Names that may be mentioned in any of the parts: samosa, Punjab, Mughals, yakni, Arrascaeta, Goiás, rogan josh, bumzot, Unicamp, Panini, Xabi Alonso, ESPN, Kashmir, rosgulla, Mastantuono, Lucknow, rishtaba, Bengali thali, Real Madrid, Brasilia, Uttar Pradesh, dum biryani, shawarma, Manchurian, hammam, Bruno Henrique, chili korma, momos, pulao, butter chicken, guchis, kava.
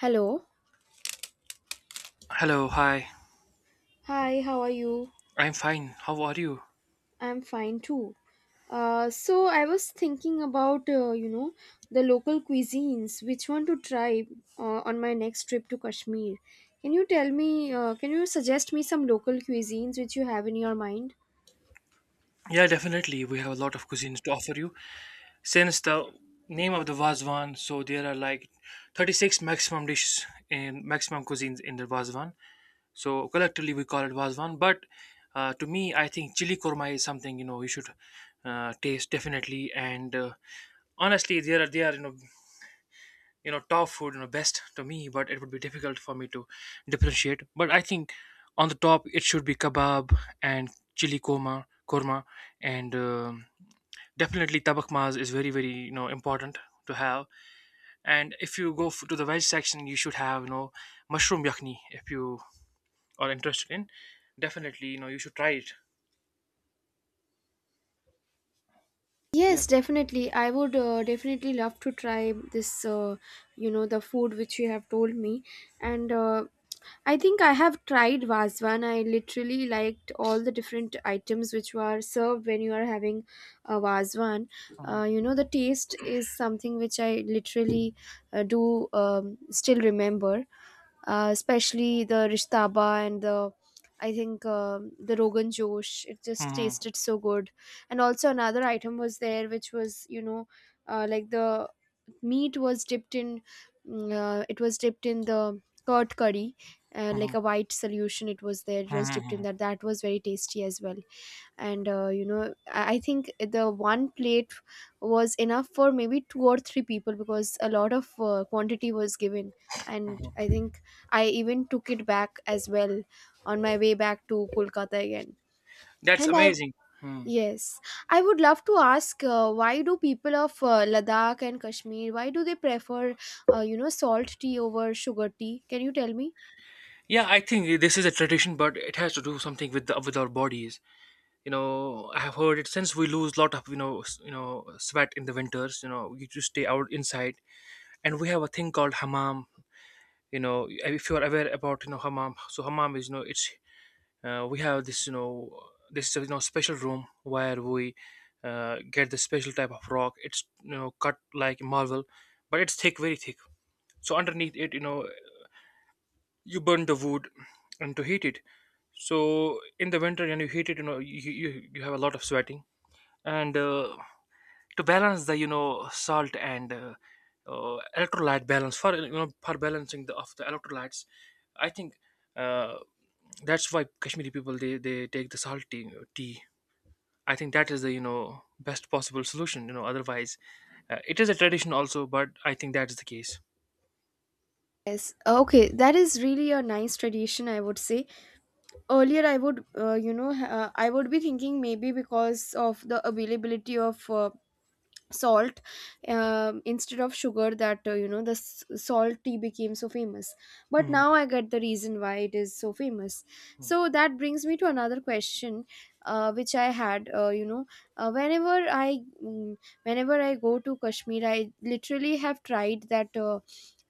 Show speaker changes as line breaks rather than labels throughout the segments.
Hello.
Hello, hi.
Hi, how are you?
I'm fine. How are you?
I'm fine too. So I was thinking about the local cuisines, which one to try on my next trip to Kashmir. Can you tell me? Can you suggest me some local cuisines which you have in your mind?
Yeah, definitely. We have a lot of cuisines to offer you. Since the name of the Vazwan, so there are like 36 maximum dishes and maximum cuisines in the Vazwan. So collectively we call it Vazwan. But to me, I think chili korma is something you should taste definitely. And honestly, there are they are top food best to me, but it would be difficult for me to differentiate, but I think on the top it should be kebab and chili korma korma and definitely tabak maz is very very important to have. And if you go to the veg section you should have mushroom yakni, if you are interested in, definitely you should try it.
Yes,
Yes.
definitely. I would definitely love to try this, you know, the food which you have told me. And I think I have tried Vazwan. I literally liked all the different items which were served when you are having a Vazwan.
Mhm.
The taste is something which I literally do still remember, especially the rishtaba and the, I think, the Rogan Josh. It just
Mhm.
tasted so good. And also another item was there, which was, like, the meat was dipped in, mm, it was dipped in the curd curry, like
Mhm.
a white solution. It was there. It was dipped in
Mhm.
that. That was very tasty as well. And I think the one plate was enough for maybe two or three people, because a lot of quantity was given. And I think I even took it back as well on my way back to Kolkata again.
That's
And I
amazing. Hmm.
Yes, I would love to ask, why do people of Ladakh and Kashmir, why do they prefer, salt tea over sugar tea? Can you tell me?
Yeah, I think this is a tradition, but it has to do something with with our bodies. You know, I have heard it, since we lose lot of sweat in the winters, you just stay out inside. And we have a thing called hammam. You know, if you are aware about hammam, so hammam is it's, we have this special room where we get the special type of rock, it's cut like marble, but it's thick, very thick. So underneath it, you burn the wood, and to heat it. So in the winter, and you heat it, you have a lot of sweating, and to balance the salt and electrolyte balance, for for balancing the of the electrolytes. I think uh, that's why Kashmiri people they take the salt tea, tea. I think that is the best possible solution, otherwise it is a tradition also, but I think that is the case.
Yes. Okay, that is really a nice tradition, I would say. Earlier I would, I would be thinking maybe because of the availability of salt instead of sugar, that, the salt tea became so famous. But
Mhm.
now I get the reason why it is so famous. So that brings me to another question which I had, whenever I, whenever I go to Kashmir, I literally have tried that,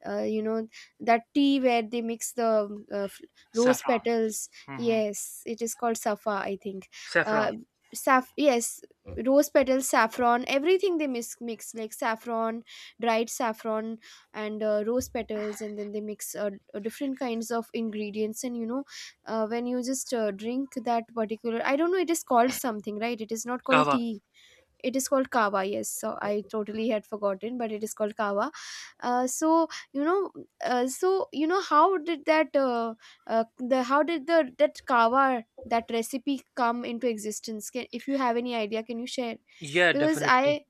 uh, you know that tea where they mix the, rose
Saffron.
petals.
Hmm.
Yes, it is called safa, I think. uh,
Saffron.
saf, yes. Rose petals, saffron, everything they mix, mix, like saffron, dried saffron, and rose petals. And then they mix different kinds of ingredients, and you know, when you just drink that particular, I don't know, it is called something, right? It is not called
Kava.
tea. It is called kava, yes. So I totally had forgotten, but it is called kava. Uh, so you know, so you know, how did that the how did the that kava, that recipe, come into existence? Can, if you have any idea, can you share?
Yeah,
Because
definitely.
I,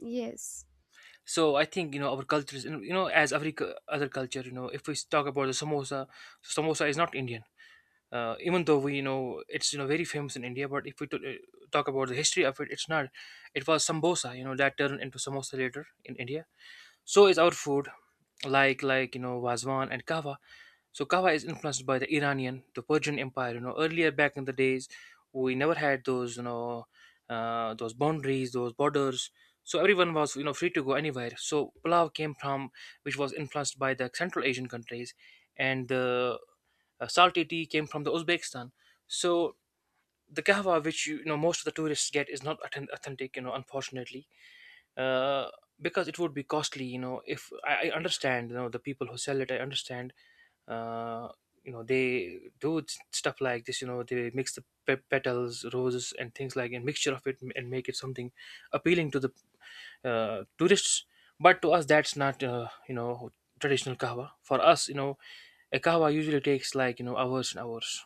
yes.
So I think our culture, as every other culture, if we talk about the samosa, so samosa is not Indian. Even though, we it's, very famous in India, but if we talk about the history of it, it's not, it was sambosa, that turned into samosa later in India. So is our food, like wazwan and kava. So kava is influenced by the Iranian, the Persian Empire. You know, earlier back in the days, we never had those, you know, those boundaries, those borders. So everyone was, you know, free to go anywhere. So pulao came from, which was influenced by the Central Asian countries, and the salty tea came from the Uzbekistan. So the kahwa, which most of the tourists get, is not authentic. You know, unfortunately. Uh, because it would be costly, you know. If I understand, you know, the people who sell it, I understand, uh, you know they do stuff like this, you know, they mix the petals, roses and things, like a mixture of it, and make it something appealing to the tourists. But to us that's not, you know, traditional kahwa for us. You know, a kahwa usually takes like, hours and hours.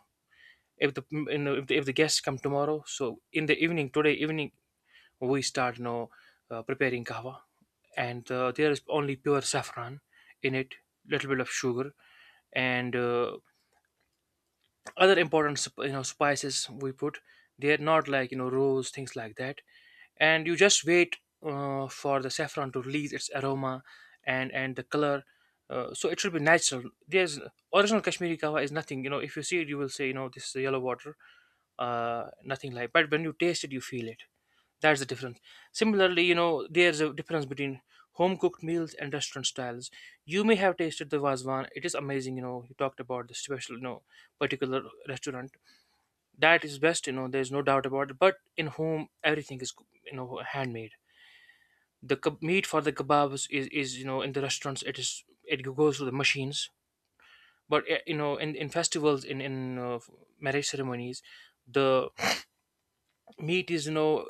If the you know, if the guests come tomorrow, so in the evening, today evening, we start, preparing kahwa. And there is only pure saffron in it, little bit of sugar, and other important you know, spices we put. They're not like, you know, rose, things like that. And you just wait for the saffron to release its aroma, and the color. So it should be natural. There's original Kashmiri kawa is nothing. You know, if you see it, you will say, you know, this is yellow water. Nothing like, but when you taste it, you feel it. That's the difference. Similarly, you know, there's a difference between home cooked meals and restaurant styles. You may have tasted the Vazwan. It is amazing, you know. You talked about the special, you know, particular restaurant. That is best, you know, there's no doubt about it. But in home, everything is, you know, handmade. The meat for the kebabs is, you know, in the restaurants, it is, it goes through the machines. But, you know, in festivals, in marriage ceremonies, the meat is, you know,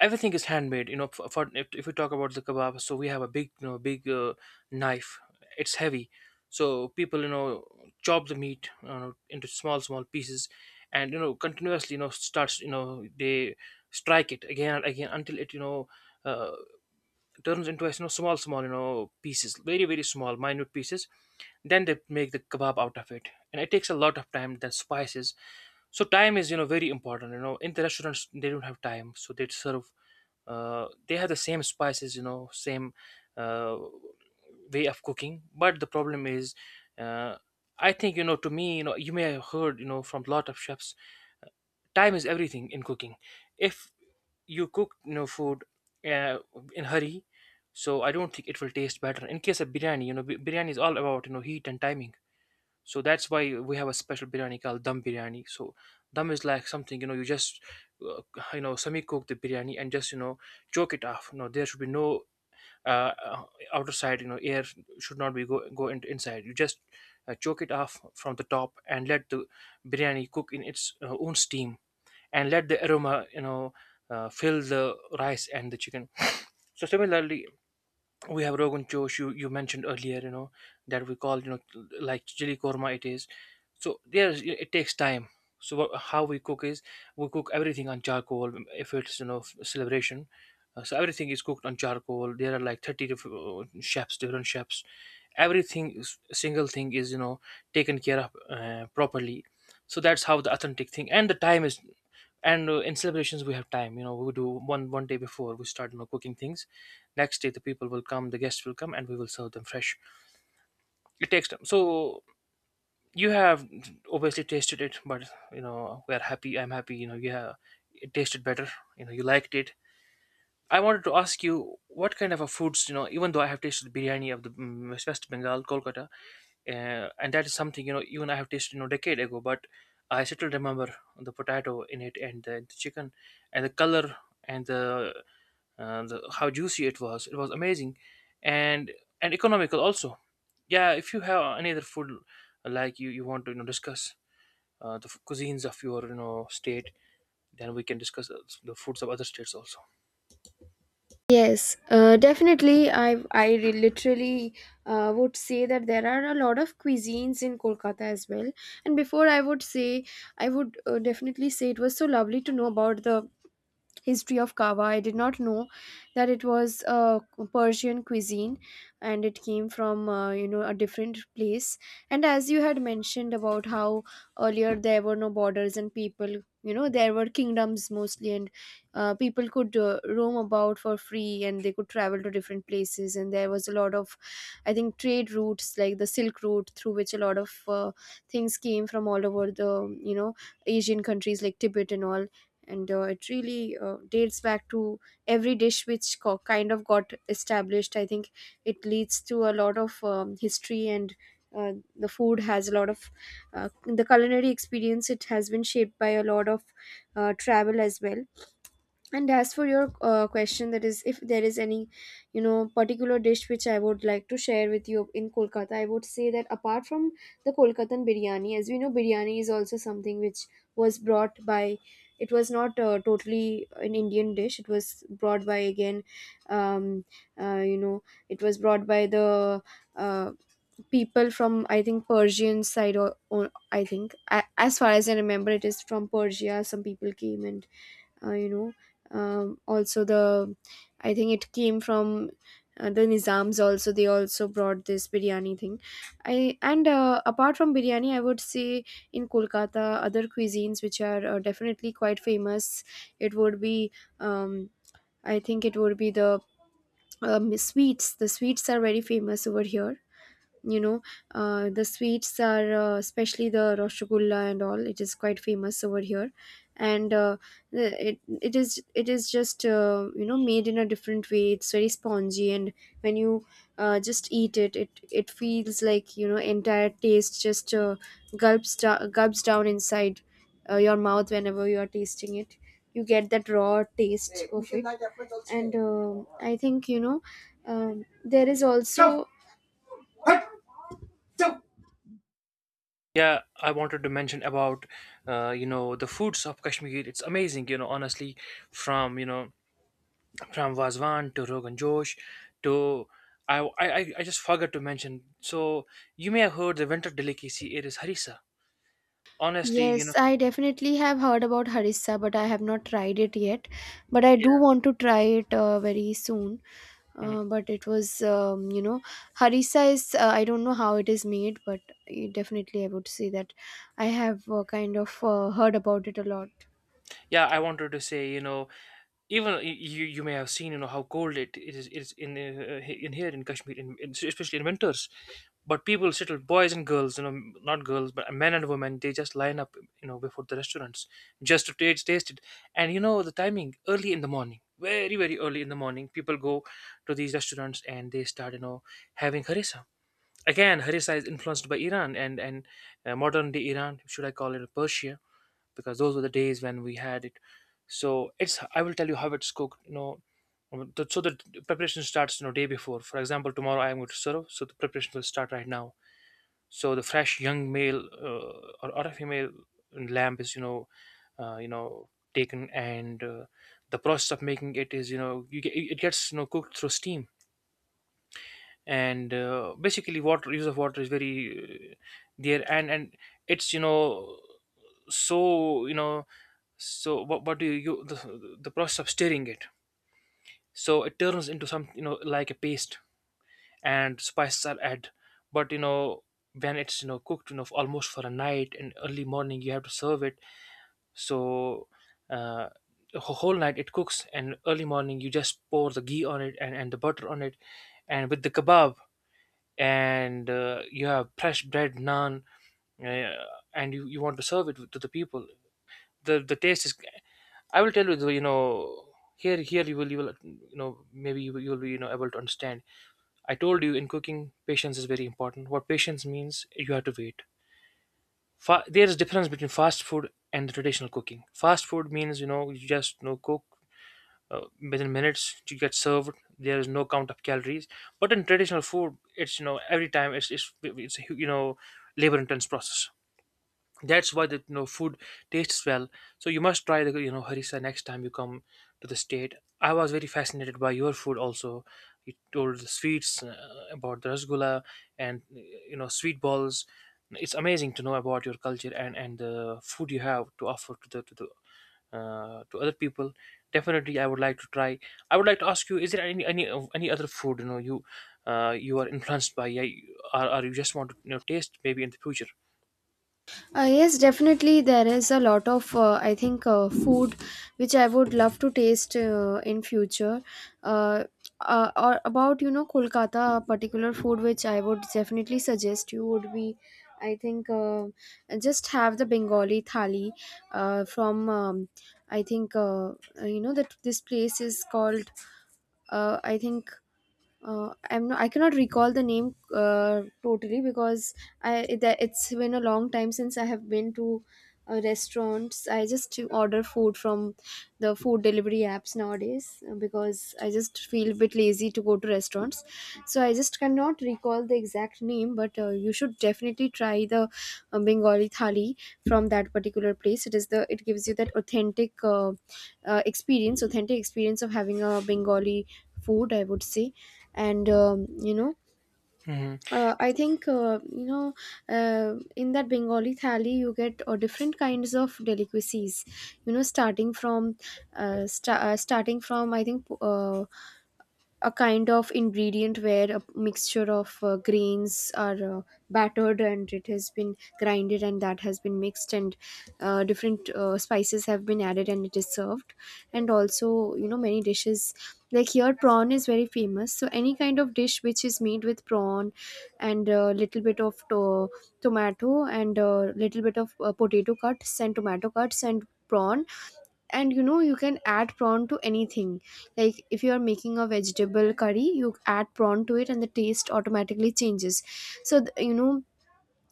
everything is handmade. You know, for if we talk about the kebab, so we have a big, you know, big knife. It's heavy. So people, you know, chop the meat into small small pieces, and you know, continuously, you know, starts, you know, they strike it again and again until it, you know, uh, turns into a, you know, small small, you know, pieces, very very small, minute pieces. Then they make the kebab out of it, and it takes a lot of time, the spices. So time is, you know, very important. You know, in the restaurants they don't have time, so they serve, they have the same spices, you know, same uh, way of cooking, but the problem is, uh, I think, you know, to me, you know, you may have heard, you know, from a lot of chefs, time is everything in cooking. If you cook, you know, food uh, in hurry, so I don't think it will taste better in case of biryani. You know, biryani is all about, you know, heat and timing. So that's why we have a special biryani called dum biryani. So dum is like something, you know, you just uh, you know, semi cook the biryani and just, you know, choke it off. You know, there should be no uh, uh, outer side. You know, air should not be go in, inside. You just choke it off from the top, and let the biryani cook in its own steam, and let the aroma, you know, fill the rice and the chicken. So similarly, we have rogan josh. You mentioned earlier, you know, that we call, you know, like chili korma. It is, so yes, it takes time. So what, how we cook is, we cook everything on charcoal if it's, you know, celebration. So everything is cooked on charcoal, there are like 30 to chefs, different chefs, everything is, single thing is, you know, taken care of properly. So that's how the authentic thing, and the time is. And in celebrations we have time. You know, we do one day before, we start, you know, cooking things. Next day the people will come, the guests will come, and we will serve them fresh. It takes time. So you have obviously tasted it, but you know, we're happy, I'm happy, you know. Yeah, it tasted better, you know, you liked it. I wanted to ask you, what kind of a foods, you know, even though I have tasted biryani of the West Bengal, Kolkata, and that is something. You know, even I have tasted, you know, decade ago, but I still remember the potato in it, and the chicken, and the color, and the, the, how juicy it was. It was amazing. and and economical also. Yeah, if you have any other food, like you want to, you know, discuss the cuisines of your, you know, state, then we can discuss the foods of other states also.
Yes, definitely. Literally, would say that there are a lot of cuisines in Kolkata as well. And before I would say, I would definitely say it was so lovely to know about the history of kava. I did not know that it was a Persian cuisine and it came from, a different place. And as you had mentioned about how earlier there were no borders, and people, you know, there were kingdoms mostly. And people could roam about for free, and they could travel to different places, and there was a lot of, I think, trade routes, like the Silk Route, through which a lot of things came from all over the, you know, Asian countries, like Tibet and all. And it really dates back to every dish which kind of got established. I think it leads to a lot of history. And the food has a lot of, the culinary experience, it has been shaped by a lot of travel as well. And as for your question, that is, if there is any, you know, particular dish which I would like to share with you in Kolkata, I would say that apart from the Kolkatan biryani, as we know, biryani is also something which was brought by, it was not totally an Indian dish. It was brought by, again, um, uh, you know it was brought by the uh, people from, I think, Persian side. Or I think, as far as I remember, it is from Persia. Some people came, and also the, I think it came from the Nizams also. They also brought this biryani thing. I and Apart from biryani, I would say in Kolkata other cuisines which are definitely quite famous, it would be, um, I think it would be the, sweets. The sweets are very famous over here, you know. The sweets are, especially the rosgulla and all, it is quite famous over here. And it, it is, it is just, you know, made in a different way. It's very spongy, and when you just eat it, it it feels like, you know, entire taste just gulps down inside your mouth. Whenever you are tasting it, you get that raw taste of it. And I think, you know, there is also,
Yeah, I wanted to mention about, you know, the foods of Kashmir. It's amazing, you know, honestly, from, you know, from vazwan to rogan josh, to, I just forgot to mention. So you may have heard the winter delicacy, it is harissa, honestly, you
Yes,
know.
I definitely have heard about harissa, but I have not tried it yet. But I do
Yeah.
want to try it very soon.
Mhm.
But it was, harissa is, I don't know how it is made, but it definitely, I would say that I have kind of heard about it a lot.
Yeah, I wanted to say, you know, even you, you may have seen, you know, how cold it is, it is, in in here in Kashmir, in especially in winters, but people settle, boys and girls, you know, not girls but men and women, they just line up, you know, before the restaurants, just to taste it. And you know, the timing, early in the morning, very very early in the morning, people go to these restaurants, and they start, you know, having harissa. Again, harissa is influenced by Iran, and modern day Iran, should I call it Persia? Because those were the days when we had it. So it's, I will tell you how it's cooked. You know, so the preparation starts, you know, day before. For example, tomorrow I am going to serve, so the preparation will start right now. So the fresh young male or a female lamb is taken, and the process of making it is you it gets cooked through steam, and basically water, use of water is very. There and it's. So, so what do you, the process of stirring it, so it turns into some like a paste, and spices are added. But when it's cooked almost for a night and early morning you have to serve it. So uh the whole night it cooks, and early morning you just pour the ghee on it, and the butter on it, and with the kebab, and you have fresh bread naan. uh, and you want to serve it to the people. The taste is, I will tell you though. Here, you will, you will maybe you will be able to understand. I told you, in cooking patience is very important. What patience means, you have to wait. There is difference between fast food and the traditional cooking. Fast food means you just cook uh, within minutes you get served. There is no count of calories. But in traditional food, it's you know every time it's a labor intense process. That's why the food tastes well. So you must try the harissa next time you come to the state. I was very fascinated by your food also. You told the sweets, about the rasgulla and sweet balls. It's amazing to know about your culture and the food you have to offer to the, to the, to other people. Definitely I would like to try. I would like to ask you, is there any, any other food you you are influenced by? Yeah, or you just want to taste maybe in the future?
Yes, definitely. There is a lot of, I think, food which I would love to taste in future. Uh, or about, you know, Kolkata, a particular food which I would definitely suggest, you would be, I think, just have the Bengali thali from, I think, you know, that this place is called, I think, I cannot recall the name totally, because it's been a long time since I have been to restaurants. I just order food from the food delivery apps nowadays, because I just feel a bit lazy to go to restaurants. So I just cannot recall the exact name, but you should definitely try the Bengali thali from that particular place. It is the it gives you that authentic, experience, authentic experience of having a Bengali food, I would say. And you know,
Mhm.
I think, in that Bengali thali you get different kinds of delicacies, you know, starting from, starting from, I think, a kind of ingredient where a mixture of grains are battered, and it has been grinded, and that has been mixed, and different spices have been added, and it is served. And also, you know, many dishes, like here prawn is very famous, so any kind of dish which is made with prawn, and a little bit of tomato, and a little bit of potato cuts, and tomato cuts and prawn. And you know, you can add prawn to anything. Like, if you are making a vegetable curry, you add prawn to it, and the taste automatically changes. You know,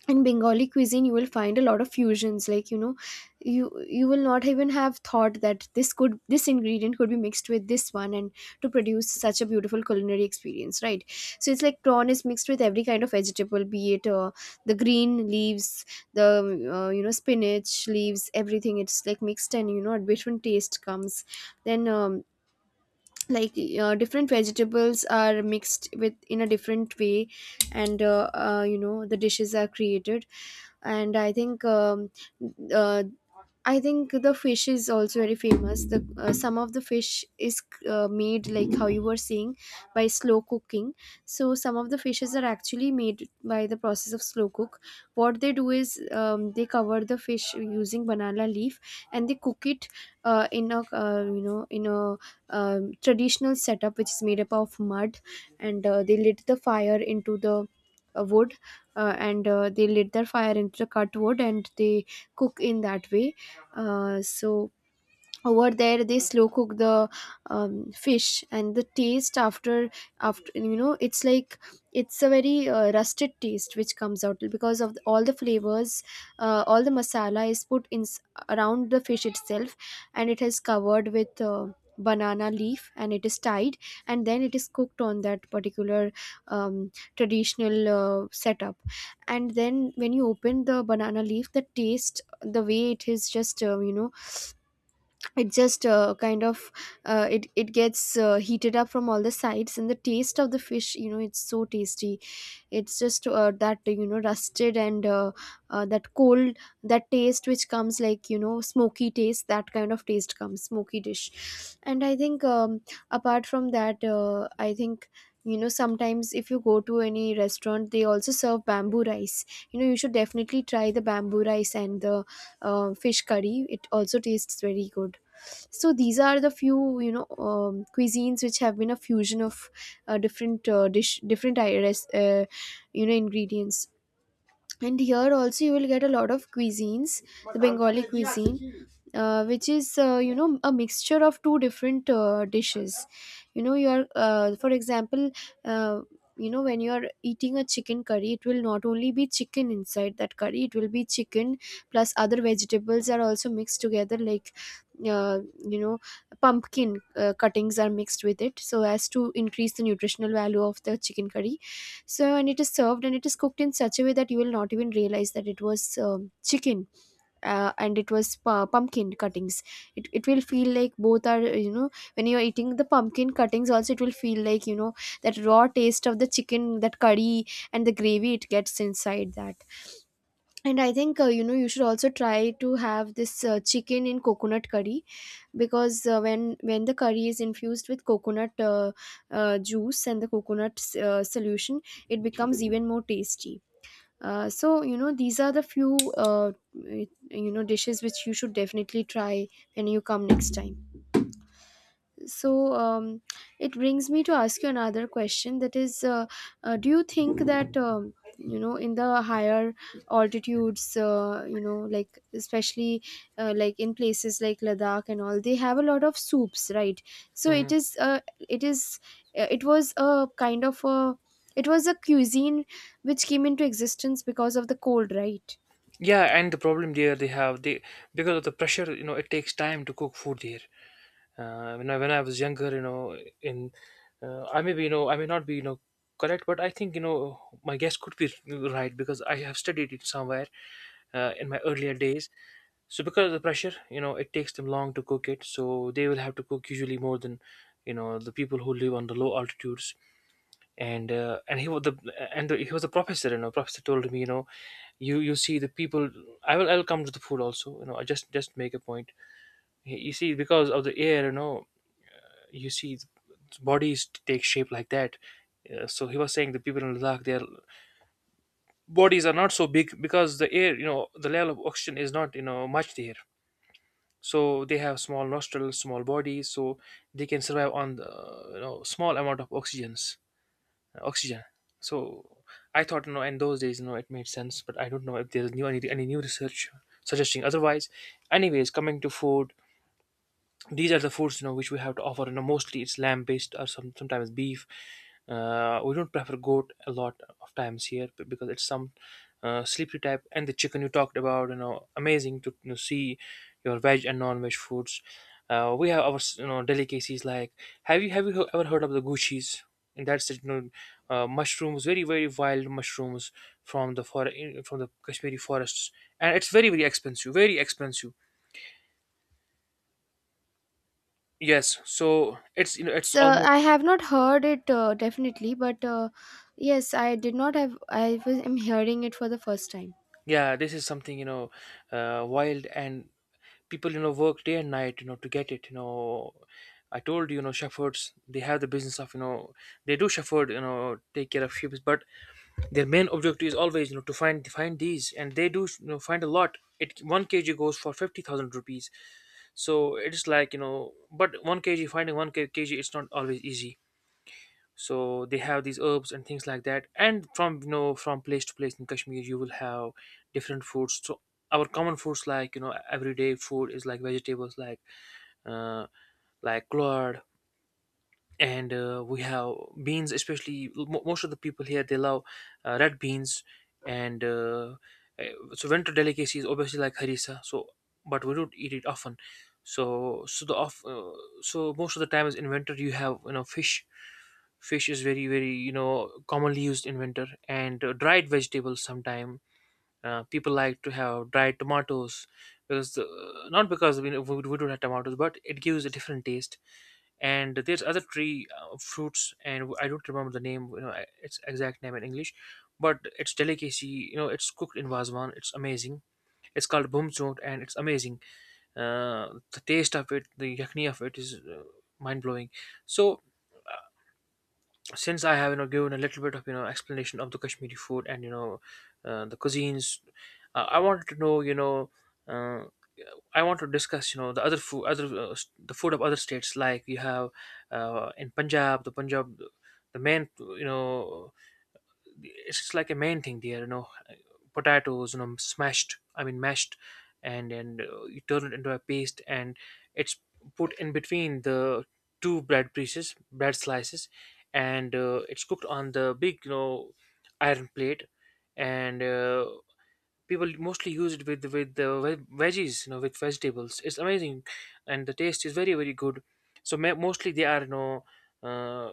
in Bengali cuisine you will find a lot of fusions, like, you know, you you will not even have thought that this, could this ingredient could be mixed with this one, and to produce such a beautiful culinary experience, right? So it's like prawn is mixed with every kind of vegetable, be it, the green leaves, the, you know, spinach leaves, everything. It's like mixed, and you know, a different taste comes. Then like, different vegetables are mixed with in a different way, and you know, the dishes are created. And I think, uh, I think the fish is also very famous. The some of the fish is made like how you were saying, by slow cooking. So some of the fishes are actually made by the process of slow cook. What they do is they cover the fish using banana leaf and they cook it in a in a traditional setup which is made up of mud. And they lit the fire into the wood. And They lit their fire into the cut wood and they cook in that way. So over there they slow cook the fish and the taste after it's like it's a very rusted taste which comes out because of all the flavors. All the masala is put around the fish itself and it is covered with banana leaf and it is tied and then it is cooked on that particular traditional setup. And then when you open the banana leaf, the taste, the way it is just you know it just kind of it gets heated up from all the sides. And the taste of the fish, you know, it's so tasty. It's just that, you know, rusted and that cold, that taste which comes like, you know, smoky taste, that kind of taste comes, smoky dish. And I think apart from that I think, you know, sometimes if you go to any restaurant they also serve bamboo rice. You know, you should definitely try the bamboo rice and the fish curry, it also tastes very good. So these are the few, you know, cuisines which have been a fusion of different dish different I- res- you know, ingredients. And here also you will get a lot of cuisines. The Bengali cuisine, which is, you know, a mixture of two different dishes. You know, you are, for example, uh, you know, when you are eating a chicken curry, it will not only be chicken inside that curry, it will be chicken plus other vegetables are also mixed together, like uh, you know, pumpkin cuttings are mixed with it, so as to increase the nutritional value of the chicken curry. So, and it is served and it is cooked in such a way that you will not even realize that it was chicken and it was pumpkin cuttings. It will feel like both are, you know, when you're eating the pumpkin cuttings, also it will feel like, you know, that raw taste of the chicken, that curry and the gravy it gets inside that. And I think, you know, you should also try to have this chicken in coconut curry, because when the curry is infused with coconut juice and the coconut solution, it becomes even more tasty. So, you know, these are the few dishes which you should definitely try when you come next time. So it brings me to ask you another question, that is, do you think that, you know, in the higher altitudes, you know, like, especially like in places like Ladakh and all, they have a lot of soups, right? So it
Hmm.
is, it is, it was a kind of a, it was a cuisine which came into existence because of the cold, right?
Yeah, and the problem there they have they because of the pressure, it takes time to cook food there. When I, was younger, in I may be, I may not be correct, but I think my guess could be right because I have studied it somewhere in my earlier days. So because of the pressure, it takes them long to cook it. So they will have to cook usually more than the people who live on the low altitudes. And he was the and the, He was a professor. Professor told me, you see the people. I'll come to the food also, I just make a point. You see because of the air, you see bodies take shape like that. So he was saying the people in Ladakh, their bodies are not so big because the air, the level of oxygen is not much there. So they have small nostrils, small bodies, so they can survive on the, small amount of oxygens oxygen. So I thought, no, in those days, no, it made sense, but I don't know if there's any new research suggesting otherwise. Anyways, coming to food, these are the foods which we have to offer. Mostly it's lamb based, or sometimes beef. We don't prefer goat a lot of times here because it's some, sleepy type. And the chicken you talked about, amazing to see your veg and non-veg foods. We have our delicacies. Like, have you ever heard of the guchis? And that's it, mushrooms, very very wild mushrooms from the for- from the Kashmiri forests. And it's very very expensive, very expensive. Yes, so it's you know it's
So
almost.
I have not heard it, definitely, but yes, I did not have. I was, am hearing it for the first time.
Yeah, this is something, wild. And people work day and night to get it. I told you, you know shepherds, they have the business of, they do shepherd, take care of sheep, but their main objective is always to find these, and they do find a lot. It, one kg goes for 50,000 rupees. So it is like, but one kg, finding one kg, it's not always easy. So they have these herbs and things like that, and from you know from place to place in Kashmir you will have different foods. So our common foods like, everyday food is like vegetables like, uh, like gourd. And we have beans, especially mo most of the people here they love, red beans. And so winter delicacy is obviously like harissa, so but we don't eat it often. So, so the off so most of the time is in winter you have fish. Fish is very very commonly used in winter, and dried vegetables sometime. People like to have dried tomatoes because not because we don't have tomatoes, but it gives a different taste. And there's other tree, fruits, and I don't remember the name, its exact name in English. But it's delicacy, it's cooked in vazwan. It's amazing. It's called bumzot and it's amazing. The taste of it, the yakni of it is, mind blowing. So since I have given a little bit of explanation of the Kashmiri food and the cuisines. I wanted to know, uh, I want to discuss, you know, the other food, other, the food of other states. Like you have, in Punjab, the main, it's just like a main thing there. Potatoes, smashed. I mean, mashed, and you turn it into a paste, and it's put in between the two bread pieces, bread slices, and it's cooked on the big, iron plate, and. People mostly use it with the veggies, with vegetables. It's amazing, and the taste is very very good. So mostly they are, uh,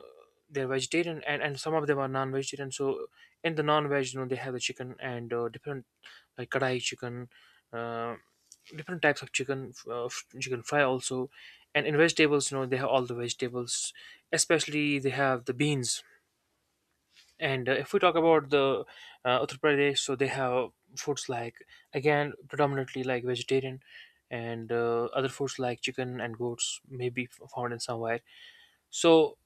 they're vegetarian, and some of them are non-vegetarian, so in the non-veg, they have the chicken, and different, like kadai chicken, uh, different types of chicken, chicken fry also. And in vegetables, they have all the vegetables. Especially they have the beans. And if we talk about the, Uttar Pradesh, so they have foods like, again predominantly like vegetarian, and other foods like chicken and goats may be found in somewhere. So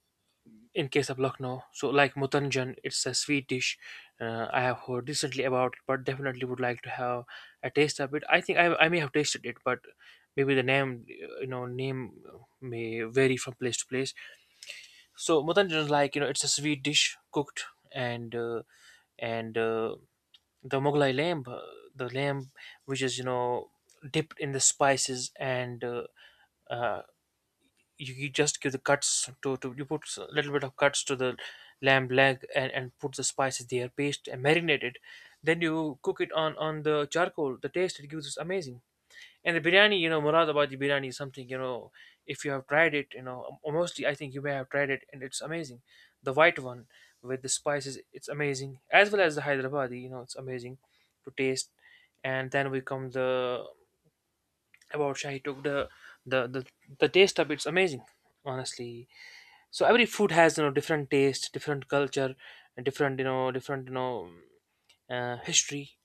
in case of Lucknow, so like mutanjan, it's a sweet dish. I have heard recently about it, but definitely would like to have a taste of it. I think I may have tasted it, but maybe the name, name, may vary from place to place. So mutanjan is like, it's a sweet dish cooked, and and uh, the Mughlai lamb, the lamb which is, dipped in the spices, and uh, you just give the cuts to, you put a little bit of cuts to the lamb leg, and put the spices there, paste and marinate it. Then you cook it on the charcoal. The taste it gives is amazing. And the biryani, Muradabadi biryani is something. If you have tried it, or mostly I think you may have tried it, and it's amazing. The white one with the spices, it's amazing. As well as the Hyderabadi, it's amazing to taste. And then we come the, about Shahi took, the the, the taste of it's amazing, honestly. So every food has, different taste, different culture, and different, different, history.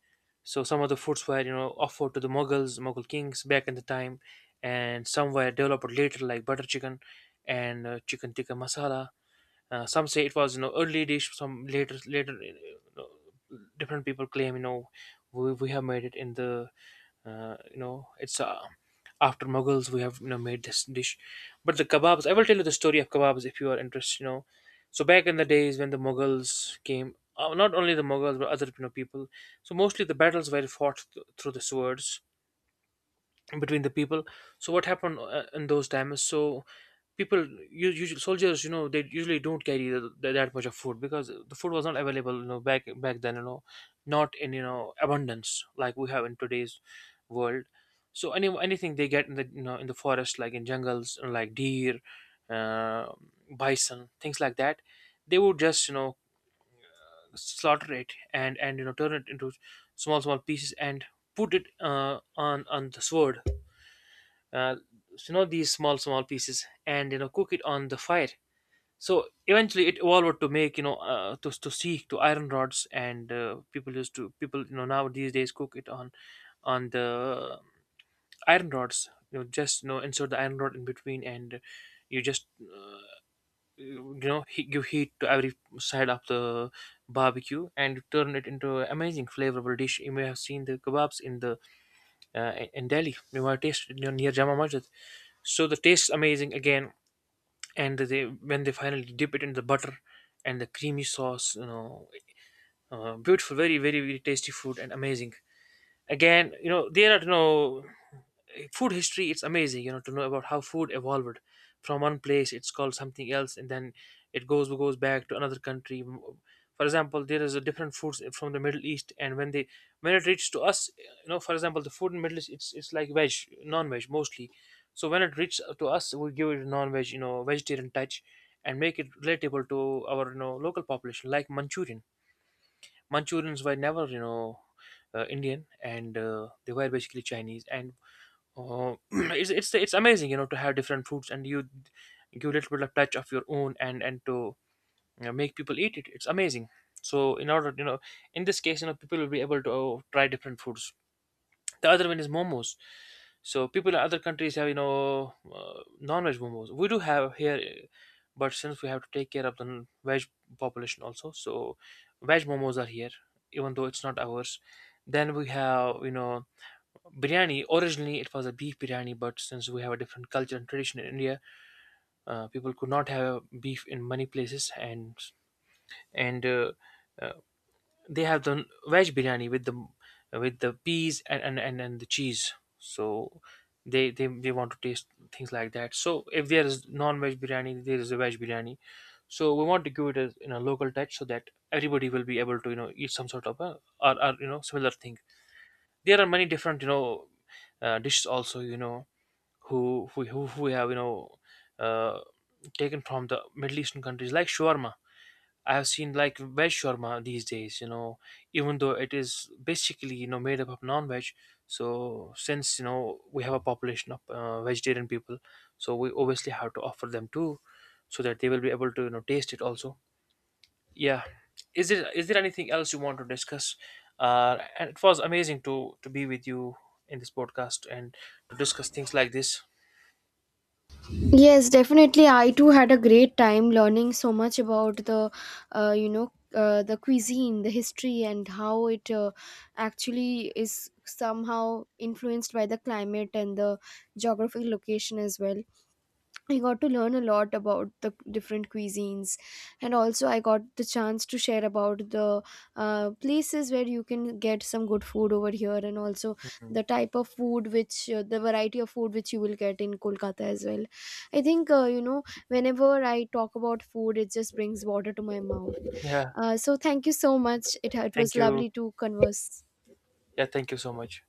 So some of the foods were, offered to the Mughals, Mughal kings back in the time, and some were developed later, like butter chicken and chicken tikka masala. Some say it was, early dish. Some later, different people claim, we have made it in the, it's, after Mughals we have, made this dish. But the kebabs, I will tell you the story of kebabs if you are interested. So back in the days when the Mughals came. Not only the Mughals, but other people. So mostly the battles were fought through the swords between the people. So what happened in those times, so people usually soldiers, you know, they usually don't carry that much of food, because the food was not available, you know, back then, you know, not in, you know, abundance like we have in today's world. So anything they get in the, you know, in the forest, like in jungles, like deer, uh, bison, things like that, they would just, you know, slaughter it and you know, turn it into small pieces and put it on the sword. uh, you know, these small pieces and, you know, cook it on the fire. So eventually it evolved to make, you know, to seek to iron rods. And people used to people, you know, now these days cook it on the iron rods, you know, just, you know, insert the iron rod in between. And you just you know, give heat to every side of the barbecue and turn it into an amazing flavorful dish. You may have seen the kebabs in the in Delhi. You know, I tasted near, Jama Masjid. So the taste amazing again, and they when they finally dip it in the butter and the creamy sauce, you know, beautiful, very very tasty food and amazing. Again, you know, there are, you know, food history, it's amazing, you know, to know about how food evolved. From one place it's called something else, and then it goes back to another country. For example, there is a different foods from the Middle East, and when they when it reaches to us, you know. For example, the food in Middle East, it's like veg, non-veg mostly. So when it reaches to us, we give it a non-veg, you know, vegetarian touch and make it relatable to our, you know, local population, like Manchurian. Manchurians were never, you know, Indian, and they were basically Chinese. And it's amazing, you know, to have different foods and you give a little bit of touch of your own and to, you know, make people eat it. It's amazing. So in order, you know, in this case, you know, people will be able to try different foods. The other one is momos. So people in other countries have, you know, non-veg momos. We do have here, but since we have to take care of the veg population also, so veg momos are here, even though it's not ours. Then we have, you know, biryani. Originally, it was a beef biryani, but since we have a different culture and tradition in India, people could not have beef in many places, and and uh, they have the veg biryani with the peas and and the cheese. So they want to taste things like that. So if there is non-veg biryani, there is a veg biryani. So we want to give it a, you know, local touch, so that everybody will be able to, you know, eat some sort of a, or, you know, similar thing. There are many different, you know, dishes also, you know, who have, you know, uh, taken from the Middle Eastern countries, like shawarma. I have seen like veg shawarma these days, you know, even though it is basically, you know, made up of non veg. So since, you know, we have a population of vegetarian people, so we obviously have to offer them too, so that they will be able to, you know, taste it also. Yeah. Is there anything else you want to discuss? And it was amazing to, be with you in this podcast and to discuss things like this.
Yes, definitely. I too had a great time learning so much about the the cuisine, the history, and how it actually is somehow influenced by the climate and the geographic location as well. I got to learn a lot about the different cuisines, and also I got the chance to share about the places where you can get some good food over here, and also
Mhm.
the type of food which the variety of food which you will get in Kolkata as well. I think you know, whenever I talk about food, it just brings water to my mouth.
Yeah.
So thank you so much. It was
Thank you.
lovely to converse.
Yeah. Thank you so much.